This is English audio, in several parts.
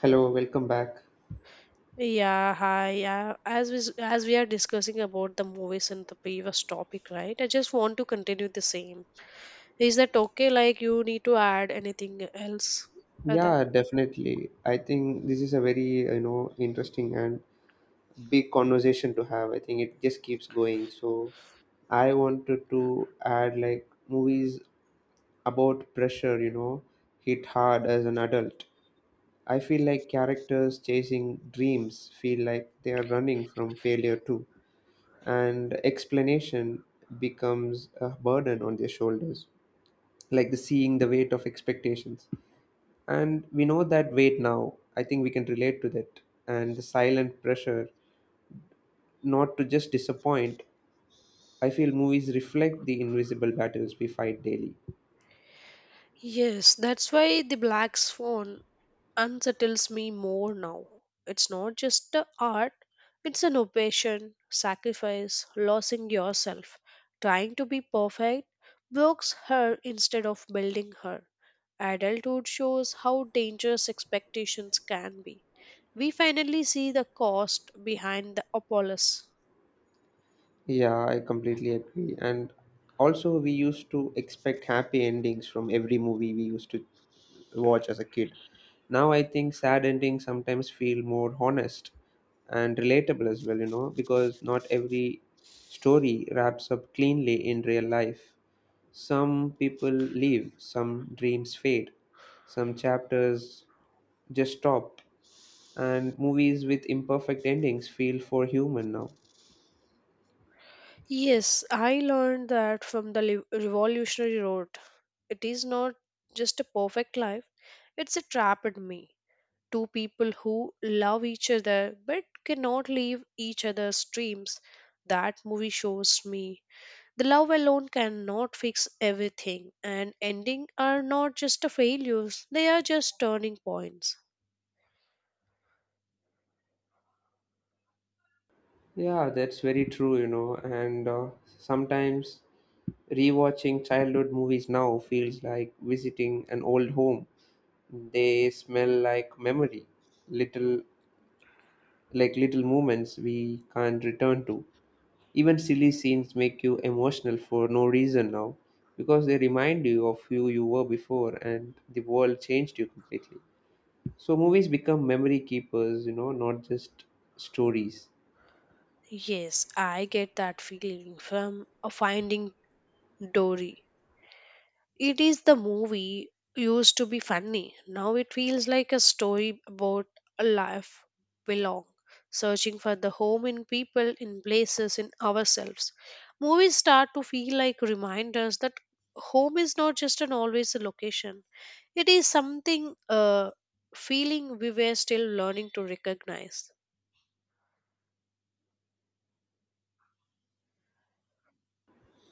Hello, welcome back. Yeah, hi. Yeah, as we are discussing about the movies in the previous topic, right? I just want to continue the same. Is that okay? Like you need to add anything else for that? Yeah, definitely. I think this is a very, you know, interesting and big conversation to have. I think it just keeps going. So I wanted to add like movies about pressure, you know, hit hard as an adult. I feel like characters chasing dreams feel like they are running from failure too, and explanation becomes a burden on their shoulders, like the seeing the weight of expectations. And we know that weight now. I think we can relate to that. And the silent pressure not to just disappoint. I feel movies reflect the invisible battles we fight daily. Yes, that's why the Black Swan unsettles me more now. It's not just a art, it's an obsession, sacrifice, losing yourself. Trying to be perfect blocks her instead of building her. Adulthood shows how dangerous expectations can be. We finally see the cost behind the Apollos. Yeah, I completely agree. And also, we used to expect happy endings from every movie we used to watch as a kid. Now, I think sad endings sometimes feel more honest and relatable as well, you know, because not every story wraps up cleanly in real life. Some people leave, some dreams fade, some chapters just stop, and movies with imperfect endings feel for human now. Yes, I learned that from Revolutionary Road. It is not just a perfect life, it's a trap in me. Two people who love each other but cannot leave each other's dreams. That movie shows me the love alone cannot fix everything, and ending are not just a failures, they are just turning points. Yeah, that's very true, you know, and sometimes rewatching childhood movies now feels like visiting an old home. They smell like memory, little like little moments we can't return to. Even silly scenes make you emotional for no reason now because they remind you of who you were before and the world changed you completely. So movies become memory keepers, you know, not just stories. Yes, I get that feeling from a finding Dory. It is the movie used to be funny. Now it feels like a story about a life belong, searching for the home in people, in places, in ourselves. Movies start to feel like reminders that home is not just an always a location. It is something feeling we were still learning to recognize.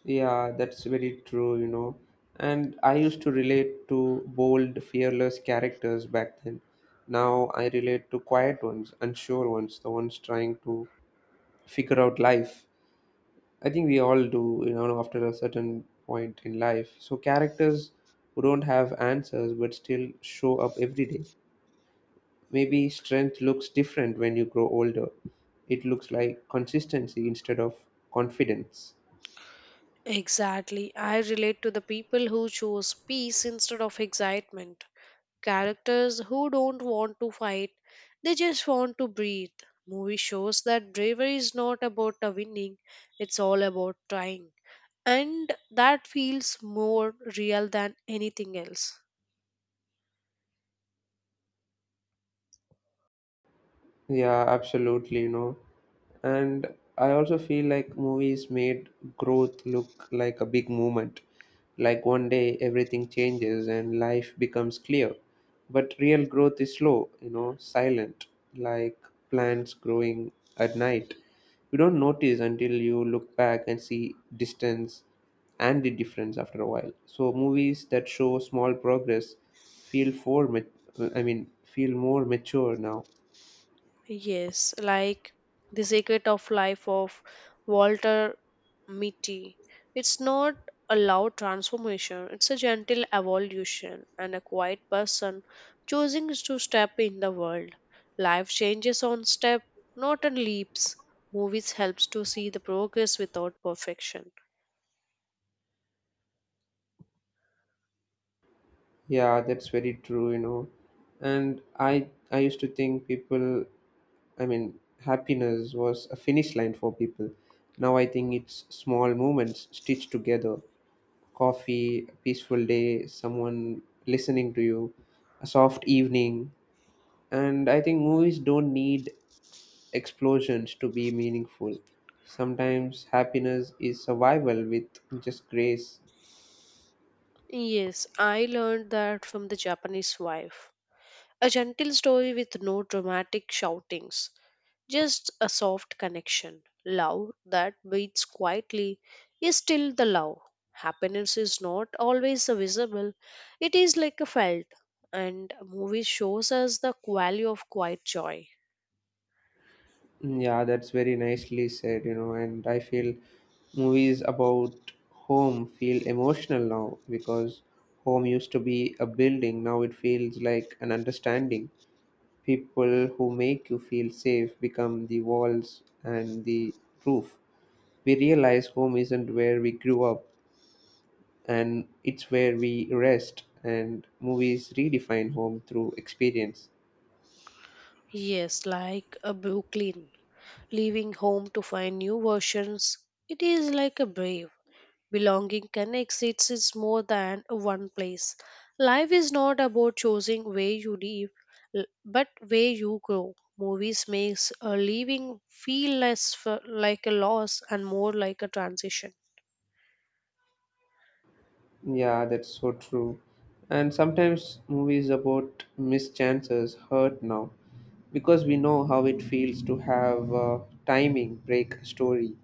Yeah, that's very true, you know. And I used to relate to bold, fearless characters back then. Now I relate to quiet ones, unsure ones, the ones trying to figure out life. I think we all do, you know, after a certain point in life. So characters who don't have answers but still show up every day. Maybe strength looks different when you grow older. It looks like consistency instead of confidence. Exactly. I relate to the people who choose peace instead of excitement characters who don't want to fight, they just want to breathe. Movie shows that bravery is not about winning, it's all about trying. And that feels more real than anything else. Yeah, absolutely, you know. And I also feel like movies made growth look like a big movement. Like one day everything changes and life becomes clear. But real growth is slow, you know, silent, like plants growing at night. You don't notice until you look back and see distance and the difference after a while. So movies that show small progress feel for, feel more mature now. Yes, like The Secret of Life of Walter Mitty. It's not a loud transformation, it's a gentle evolution and a quiet person choosing to step in the world. Life changes on step, not on leaps. Movies helps to see the progress without perfection. Yeah, that's very true, you know. And I used to think people, I mean, happiness was a finish line for people. Now I think it's small moments stitched together. Coffee, a peaceful day, someone listening to you, a soft evening. And I think movies don't need explosions to be meaningful. Sometimes happiness is survival with just grace. Yes, I learned that from the Japanese wife. A gentle story with no dramatic shoutings. Just a soft connection. Love that beats quietly is still the love. Happiness is not always a visible, it is like a felt. And a movie shows us the value of quiet joy. Yeah, that's very nicely said, you know, and I feel movies about home feel emotional now because home used to be a building, now it feels like an understanding. People who make you feel safe become the walls and the roof. We realize home isn't where we grew up and it's where we rest, and movies redefine home through experience. Yes, like a Brooklyn, leaving home to find new versions. It is like a brave. Belonging connects it is more than one place. Life is not about choosing where you live, but where you grow. Movies makes a living feel less like a loss and more like a transition. Yeah, that's so true. And sometimes movies about missed chances hurt now because we know how it feels to have a timing break a story,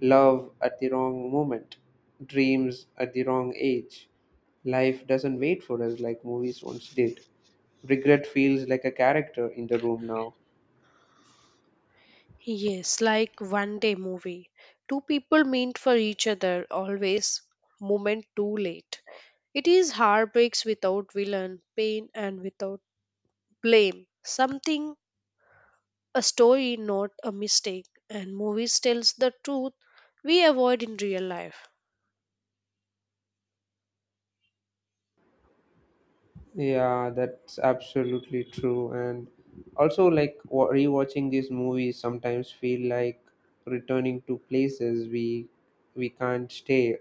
love at the wrong moment, dreams at the wrong age. Life doesn't wait for us like movies once did. Regret feels like a character in the room now. Yes, like one day movie. Two people meant for each other always moment too late. It is heartbreaks without villain, pain and without blame. Something a story, not a mistake. And movies tells the truth we avoid in real life. Yeah, that's absolutely true. And also, like rewatching these movies sometimes feel like returning to places we can't stay.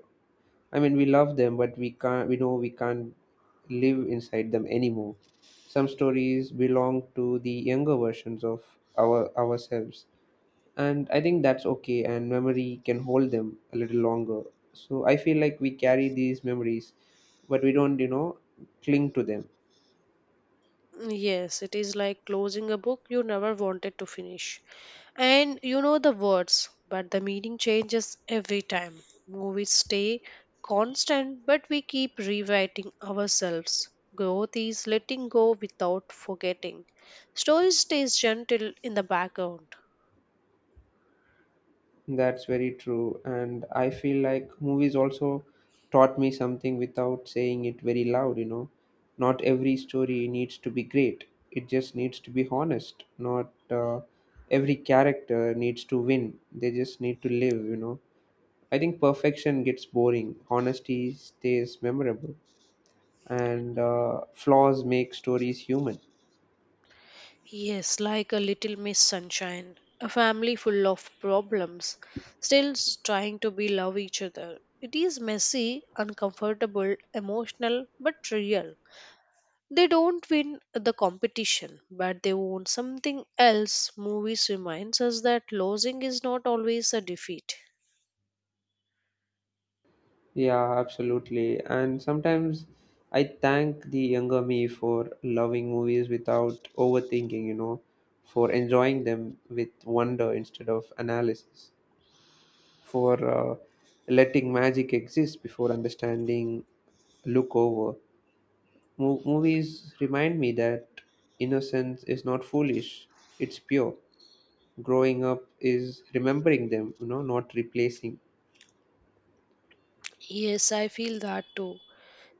I mean, we love them, but we can't. We know we can't live inside them anymore. Some stories belong to the younger versions of ourselves, and I think that's okay. And memory can hold them a little longer. So I feel like we carry these memories, but we don't, you know, cling to them. Yes, it is like closing a book you never wanted to finish. And you know the words, but the meaning changes every time. Movies stay constant, but we keep rewriting ourselves. Growth is letting go without forgetting. Story stays gentle in the background. That's very true. And I feel like movies also taught me something without saying it very loud, you know. Not every story needs to be great, it just needs to be honest. Not Every character needs to win, they just need to live, you know. I think perfection gets boring, honesty stays memorable, and flaws make stories human. Yes, like a little Miss Sunshine, a family full of problems, trying to be love each other. It is messy, uncomfortable, emotional, but real. They don't win the competition, but they won something else. Movies reminds us that losing is not always a defeat. Yeah, absolutely. And sometimes I thank the younger me for loving movies without overthinking, you know, for enjoying them with wonder instead of analysis, for letting magic exist before understanding look over. Movies remind me that innocence is not foolish, it's pure. Growing up is remembering them, you know, not replacing. Yes, I feel that too.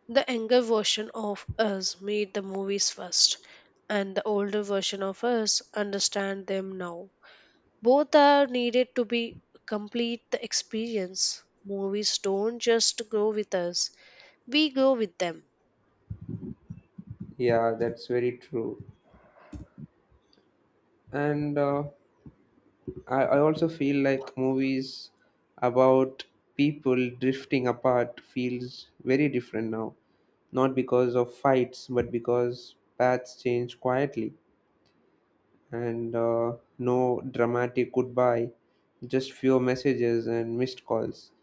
The younger version of us made the movies first, and the older version of us understand them now. Both are needed to be complete the experience. Movies don't just grow with us, we grow with them. Yeah, that's very true. And I also feel like movies about people drifting apart feels very different now. Not because of fights, but because paths change quietly and no dramatic goodbye, just few messages and missed calls.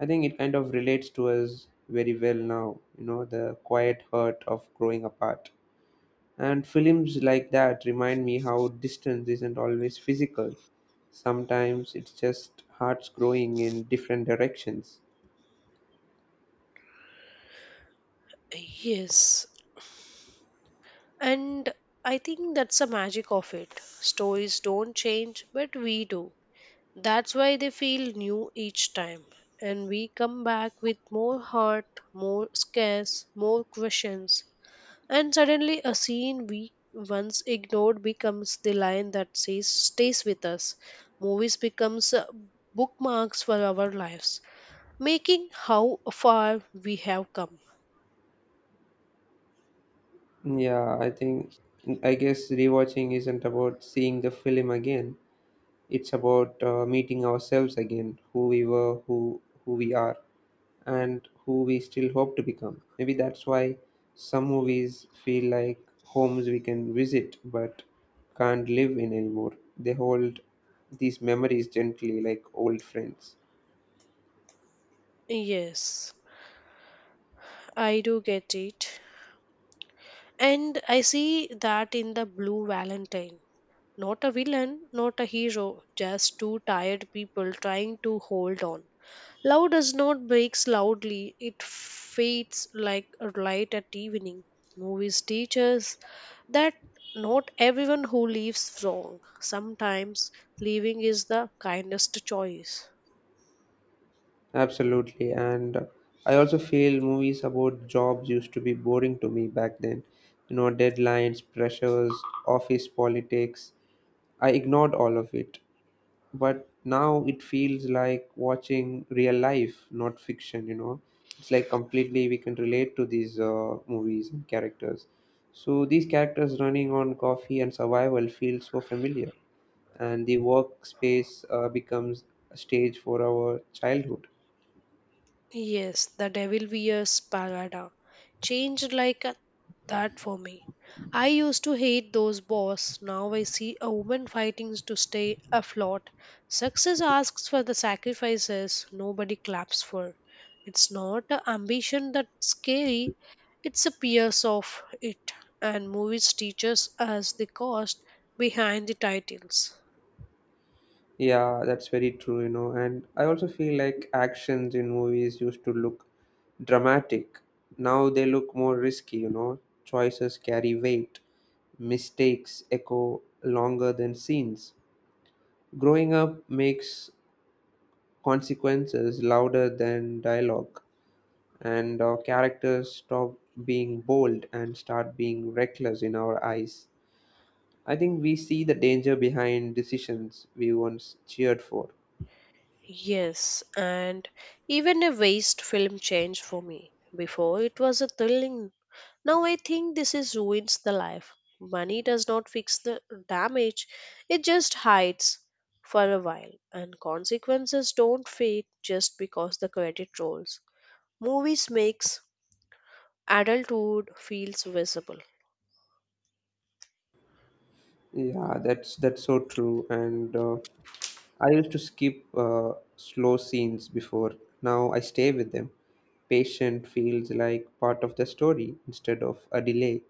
I think it kind of relates to us very well now, you know, the quiet hurt of growing apart. And films like that remind me how distance isn't always physical. Sometimes it's just hearts growing in different directions. Yes. And I think that's the magic of it. Stories don't change, but we do. That's why they feel new each time. And we come back with more heart, more scares, more questions. And suddenly, a scene we once ignored becomes the line that says, stays with us. Movies becomes bookmarks for our lives, making how far we have come. Yeah, I think, I guess rewatching isn't about seeing the film again. It's about meeting ourselves again, who we were, who we are, and who we still hope to become. Maybe that's why some movies feel like homes we can visit but can't live in anymore. They hold these memories gently like old friends. Yes, I do get it. And I see that in the Blue Valentine. Not a villain, not a hero, just two tired people trying to hold on. Love does not breaks loudly, it fades like a light at evening. Movies teach us that not everyone who leaves wrong. Sometimes leaving is the kindest choice. Absolutely, and I also feel movies about jobs used to be boring to me back then. You know, deadlines, pressures, office politics. I ignored all of it, but now it feels like watching real life, not fiction, you know. It's like completely we can relate to these movies and characters. So these characters running on coffee and survival feel so familiar, and the workspace becomes a stage for our childhood. Yes, the devil wears Prada. Changed like that for me. I used to hate those boss. Now I see a woman fighting to stay afloat. Success asks for the sacrifices nobody claps for. It's not a ambition that's scary, it's a pierce of it. And movies teaches us the cost behind the titles. Yeah, that's very true, you know. And I also feel like actions in movies used to look dramatic. Now they look more risky, you know. Choices carry weight, mistakes echo longer than scenes. Growing up makes consequences louder than dialogue, and our characters stop being bold and start being reckless in our eyes. I think we see the danger behind decisions we once cheered for. Yes, and even a waste film changed for me. Before it was a thrilling. Now I think this is ruins the life. Money does not fix the damage, it just hides for a while, and consequences don't fade just because the credit rolls. Movies makes adulthood feels visible. Yeah, that's so true. And I used to skip slow scenes before. Now I stay with them. Patient feels like part of the story instead of a delay.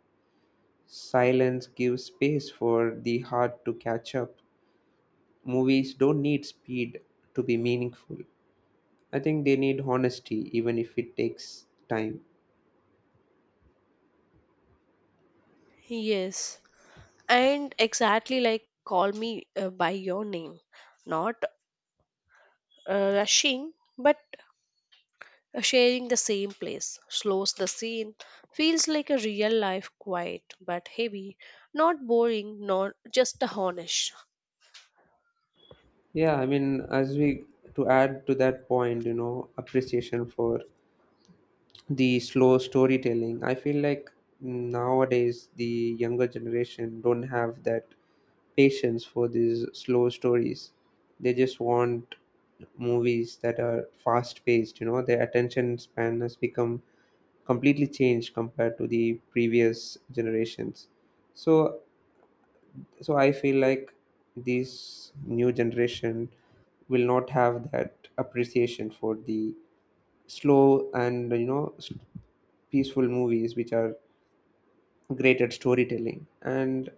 Silence gives space for the heart to catch up. Movies don't need speed to be meaningful. I think they need honesty, even if it takes time. Yes, and exactly like Call Me by Your Name, not rushing, but sharing the same place, slows the scene, feels like a real life quiet but heavy, not boring, not just a honest. Yeah, I mean, as we to add to that point, you know, appreciation for the slow storytelling, I feel like nowadays the younger generation don't have that patience for these slow stories. They just want movies that are fast paced, you know. Their attention span has become completely changed compared to the previous generations. So so I feel like this new generation will not have that appreciation for the slow and you know peaceful movies, which are great at storytelling. And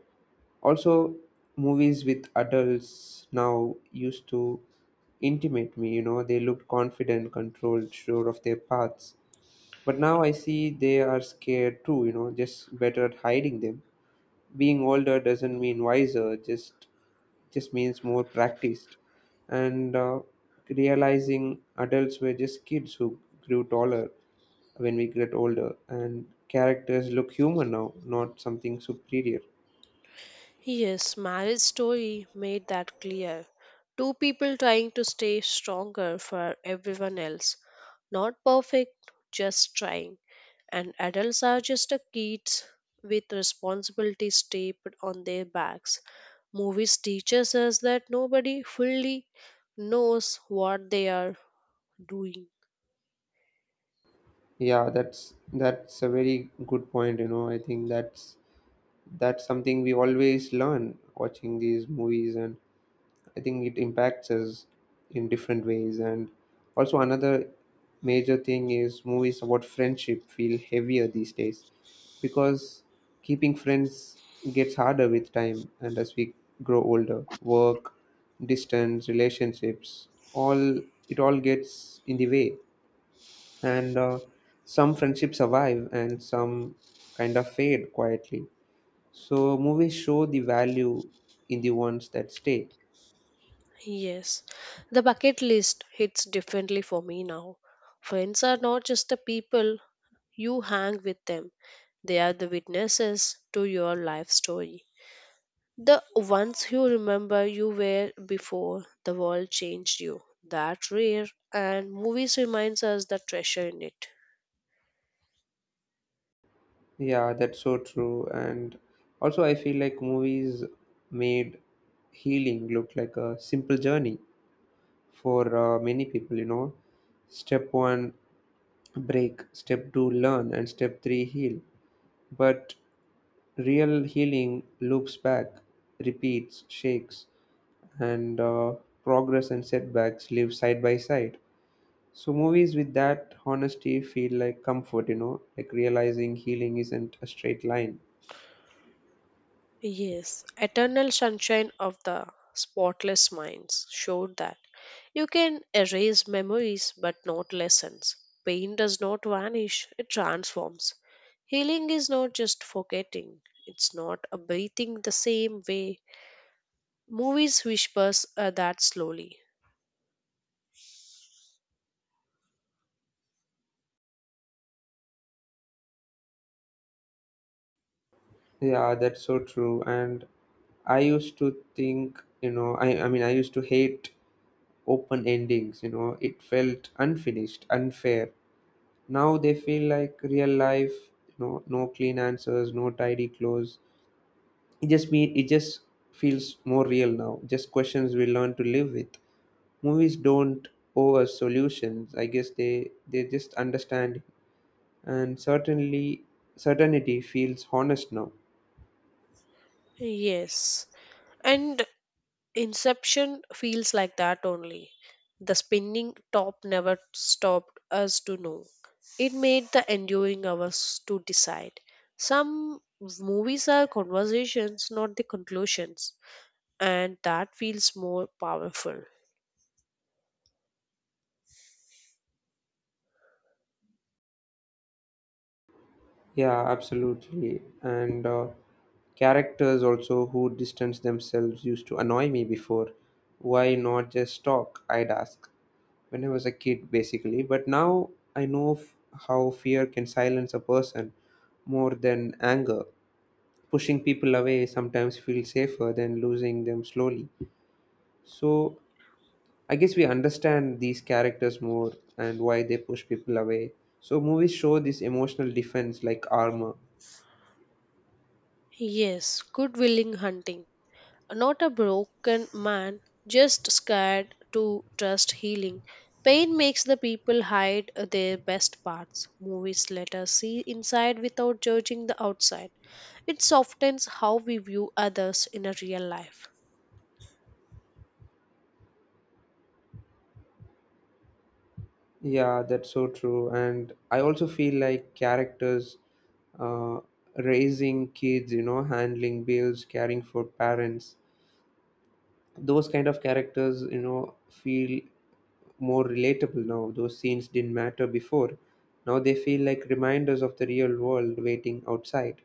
also, movies with adults now used to intimate me, you know. They looked confident, controlled, sure of their paths, but now I see they are scared too, you know, just better at hiding them. Being older doesn't mean wiser, just means more practiced. And realizing adults were just kids who grew taller. When we get older and characters look human now, not something superior. Yes, marriage story made that clear. Two people trying to stay stronger for everyone else. Not perfect, just trying. And adults are just a kids with responsibilities taped on their backs. Movies teaches us that nobody fully knows what they are doing. Yeah, that's a very good point, you know. I think that's something we always learn watching these movies, and I think it impacts us in different ways. And also, another major thing is movies about friendship feel heavier these days because keeping friends gets harder with time and as we grow older. Work, distance, relationships, all it all gets in the way. And some friendships survive and some kind of fade quietly. So, movies show the value in the ones that stay. Yes, the bucket list hits differently for me now. Friends are not just the people you hang with them, they are the witnesses to your life story. The ones you remember you were before the world changed you. That rare and movies reminds us the treasure in it. Yeah, that's so true. And also, I feel like movies made healing look like a simple journey for many people, you know. Step one, break. Step two, learn. And step three, heal. But real healing loops back, repeats, shakes, and progress and setbacks live side by side. So, movies with that honesty feel like comfort, you know, like realizing healing isn't a straight line. Yes, Eternal Sunshine of the Spotless Minds showed that you can erase memories but not lessons. Pain does not vanish, it transforms. Healing is not just forgetting, it's not a breathing the same way. Movies whispers that slowly. Yeah, that's so true. And I used to think, you know, I used to hate open endings, you know. It felt unfinished, unfair. Now they feel like real life, you know, no clean answers, no tidy clothes. It just feels more real now. Just questions we learn to live with. Movies don't owe us solutions. I guess they just understand, and certainly certainty feels honest now. Yes, and Inception feels like that only. The spinning top never stopped us to know. It made the enduring hours to decide. Some movies are conversations, not the conclusions, and that feels more powerful. Yeah, absolutely. And characters also who distance themselves used to annoy me before. Why not just talk? I'd ask when I was a kid, basically. But now I know how fear can silence a person more than anger. Pushing people away sometimes feels safer than losing them slowly. So I guess we understand these characters more and why they push people away. So movies show this emotional defense like armor. Yes, good willing hunting. Not a broken man, just scared to trust healing. Pain makes the people hide their best parts. Movies let us see inside without judging the outside. It softens how we view others in a real life. Yeah, that's so true. And I also feel like characters uh, raising kids, you know, handling bills, caring for parents, those kind of characters, you know, feel more relatable now. Those scenes didn't matter before. Now they feel like reminders of the real world waiting outside.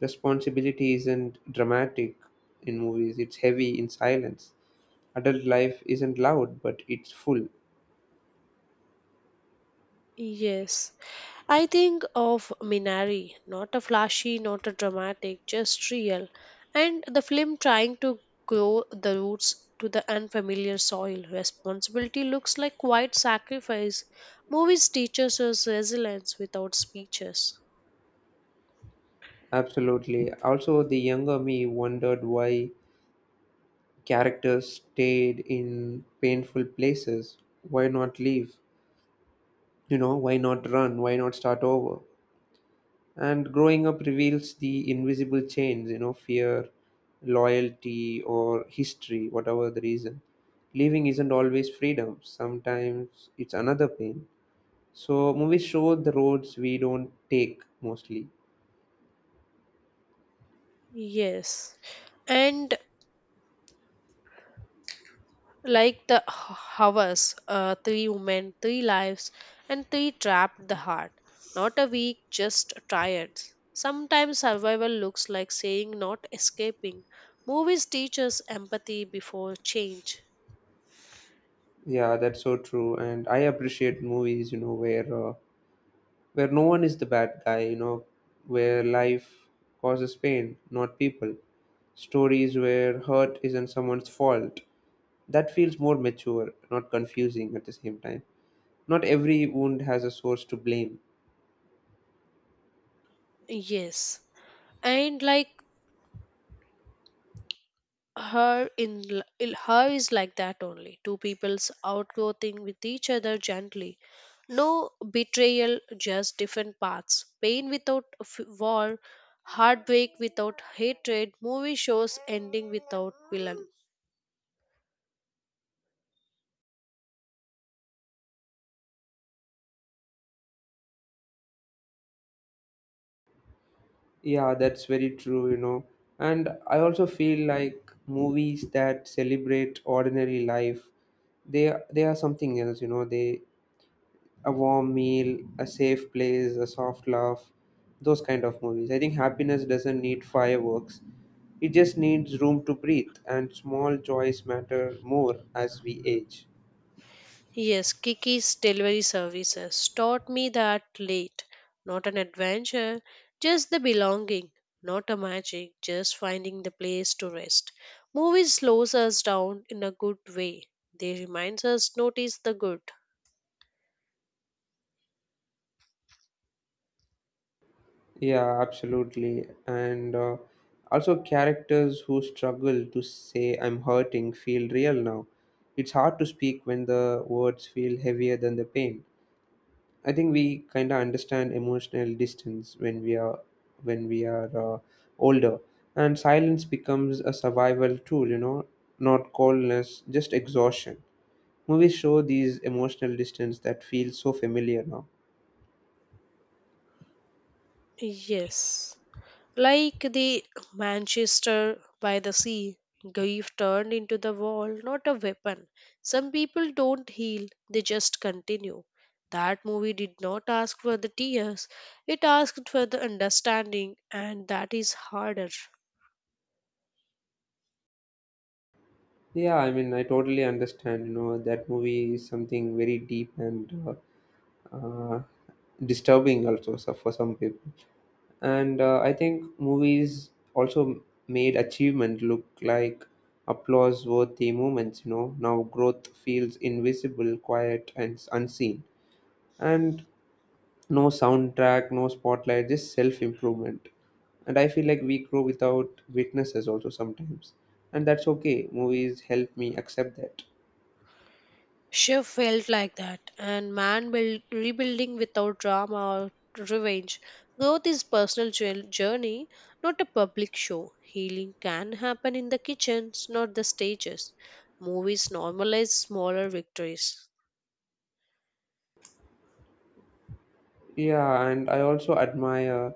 Responsibility isn't dramatic in movies, it's heavy in silence. Adult life isn't loud, but it's full. Yes. I think of Minari, not a flashy, not a dramatic, just real. And the film trying to grow the roots to the unfamiliar soil. Responsibility looks like quiet sacrifice. Movies teaches us resilience without speeches. Absolutely. Also, the younger me wondered why characters stayed in painful places. Why not leave? You know, why not run? Why not start over? And growing up reveals the invisible chains, you know, fear, loyalty, or history, whatever the reason. Leaving isn't always freedom, sometimes it's another pain. So, movies show the roads we don't take mostly. Yes. And like hours, three women, three lives, and three trapped the heart. Not a weak, just tired. Sometimes survival looks like saying not escaping. Movies teach us empathy before change. Yeah, that's so true. And I appreciate movies, you know, where no one is the bad guy, you know, where life causes pain, not people. Stories where hurt isn't someone's fault. That feels more mature, not confusing at the same time. Not every wound has a source to blame. Yes. And like her in her is like that only two people's outgrowing with each other gently, no betrayal, just different paths pain without war, heartbreak without hatred. Movie shows ending without villain. Yeah, that's very true, you know. And I also feel like movies that celebrate ordinary life, they are something else, you know. They a warm meal, a safe place, a soft laugh, those kind of movies. I think happiness doesn't need fireworks. It just needs room to breathe, and small joys matter more as we age. Yes, Kiki's delivery services taught me that late. Not an adventure, just the belonging. Not a magic, just finding the place to rest. Movies slows us down in a good way. They reminds us notice the good. Yeah, absolutely. And also, characters who struggle to say "I'm hurting" feel real now. It's hard to speak when the words feel heavier than the pain. I think we kind of understand emotional distance when we are when we are older, and silence becomes a survival tool. You know, not coldness, just exhaustion. Movies show these emotional distance that feels so familiar now. Yes. Like the Manchester by the sea, grief turned into the wall, not a weapon. Some people don't heal, they just continue. That movie did not ask for the tears, it asked for the understanding, and that is harder. Yeah, I mean, I totally understand. You know, that movie is something very deep and uh, uh, disturbing also so for some people. And I think movies also made achievement look like applause worthy moments, you know. Now growth feels invisible, quiet, and unseen. And no soundtrack, no spotlight, just self improvement. And I feel like we grow without witnesses also sometimes. And that's okay. Movies help me accept that. Shiv felt like that, and man build, rebuilding without drama or revenge. Growth is personal journey, not a public show. Healing can happen in the kitchens, not the stages. Movies normalize smaller victories. Yeah, and I also admire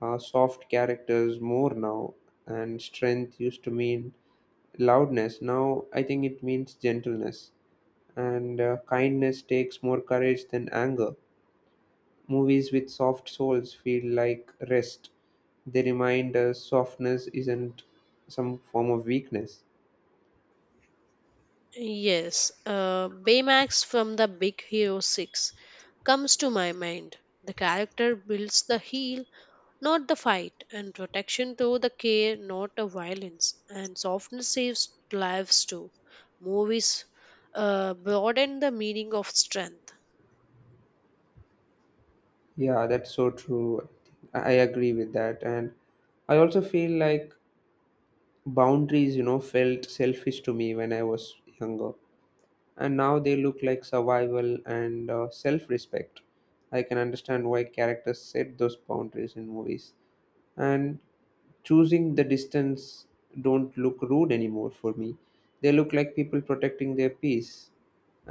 soft characters more now. And strength used to mean loudness, now I think it means gentleness, and kindness takes more courage than anger. Movies with soft souls feel like rest. They remind us softness isn't some form of weakness. Yes, Baymax from the Big Hero 6 comes to my mind. The character builds the heel not the fight, and protection through the care, not the violence, and softness saves lives too. Movies broaden the meaning of strength. Yeah, that's so true. I agree with that, and I also feel like boundaries, you know, felt selfish to me when I was younger, and now they look like survival and self-respect. I can understand why characters set those boundaries in movies, and choosing the distance don't look rude anymore for me. They look like people protecting their peace,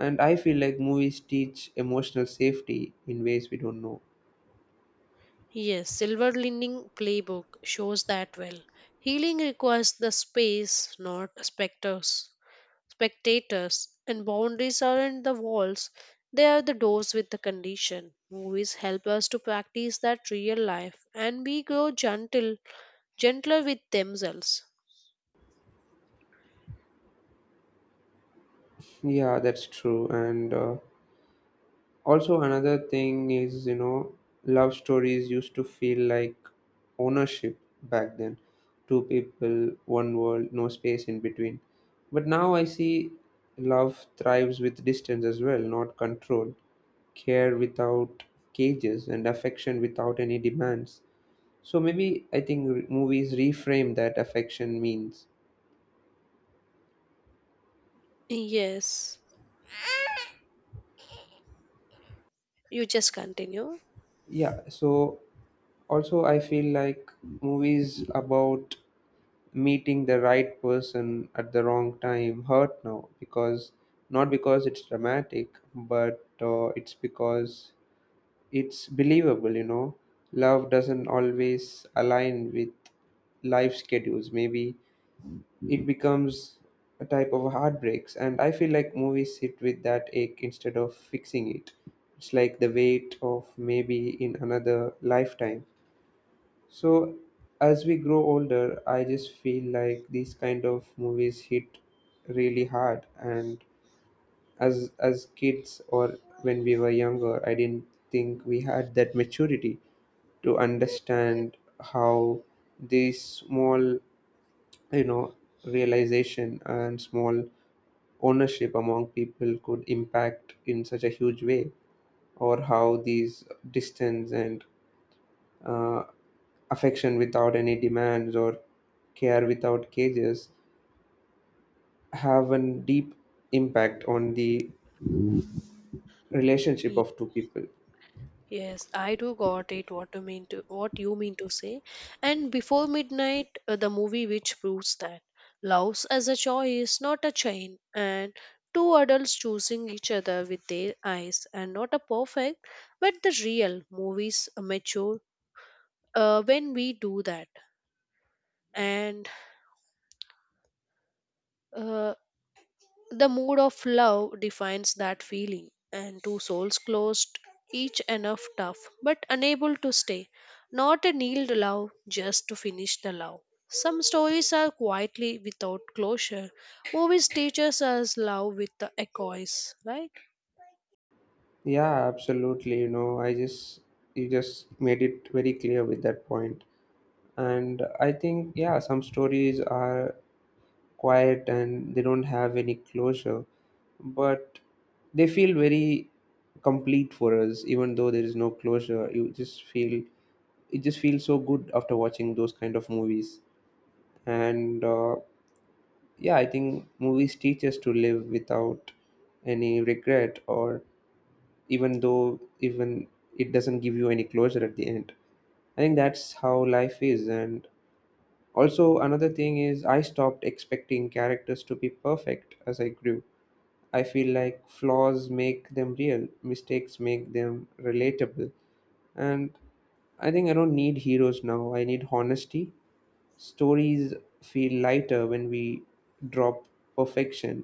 and I feel like movies teach emotional safety in ways we don't know. Yes, Silver Lining Playbook shows that well. Healing requires the space, not specters, spectators, and boundaries aren't the walls, they are the doors with the condition. Movies help us to practice that real life and we grow gentle, gentler with themselves. Yeah, that's true, and also, another thing is, you know, love stories used to feel like ownership back then. Two people, one world, no space in between. But now I see love thrives with distance as well, not control, care without cages, and affection without any demands. So maybe I think movies reframe that affection means. Yes, you just continue. Yeah, so also I feel like movies about meeting the right person at the wrong time hurt now, because not because it's dramatic, but it's because it's believable, you know. Love doesn't always align with life schedules. Maybe it becomes a type of heartbreaks, and I feel like movies sit with that ache instead of fixing it. It's like the weight of maybe in another lifetime. So as we grow older, I just feel like these kind of movies hit really hard, and as kids or when we were younger, I didn't think we had that maturity to understand how these small, you know, realization and small ownership among people could impact in such a huge way, or how these distance and uh, affection without any demands or care without cages have a deep impact on the relationship Ye- of two people. Yes, I do got it what you mean to what you mean to say. And before midnight, the movie which proves that love as a choice, not a chain, and two adults choosing each other with their eyes, and not a perfect, but the real movies mature when we do that. And uh, the mood of love defines that feeling, and two souls closed, each enough tough, but unable to stay. Not a nailed love just to finish the love. Some stories are quietly without closure. Movies teaches us love with the echoes, right? Yeah, absolutely, you know, I just you just made it very clear with that point, and I think yeah, some stories are quiet and they don't have any closure, but they feel very complete for us. Even though there is no closure, you just feel it just feels so good after watching those kind of movies. And yeah, I think movies teach us to live without any regret, or even though even it doesn't give you any closure at the end, I think that's how life is. And also another thing is, I stopped expecting characters to be perfect as I grew. I feel like flaws make them real, mistakes make them relatable, and I think I don't need heroes now, I need honesty. Stories feel lighter when we drop perfection,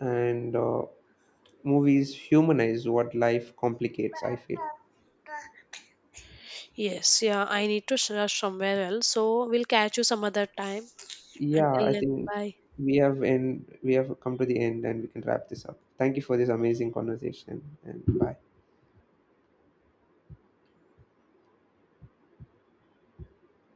and movies humanize what life complicates, I feel. Yes, yeah, I need to rush somewhere else, so we'll catch you some other time. Yeah, Until I then, think bye. We have come to the end and we can wrap this up. Thank you for this amazing conversation, and bye.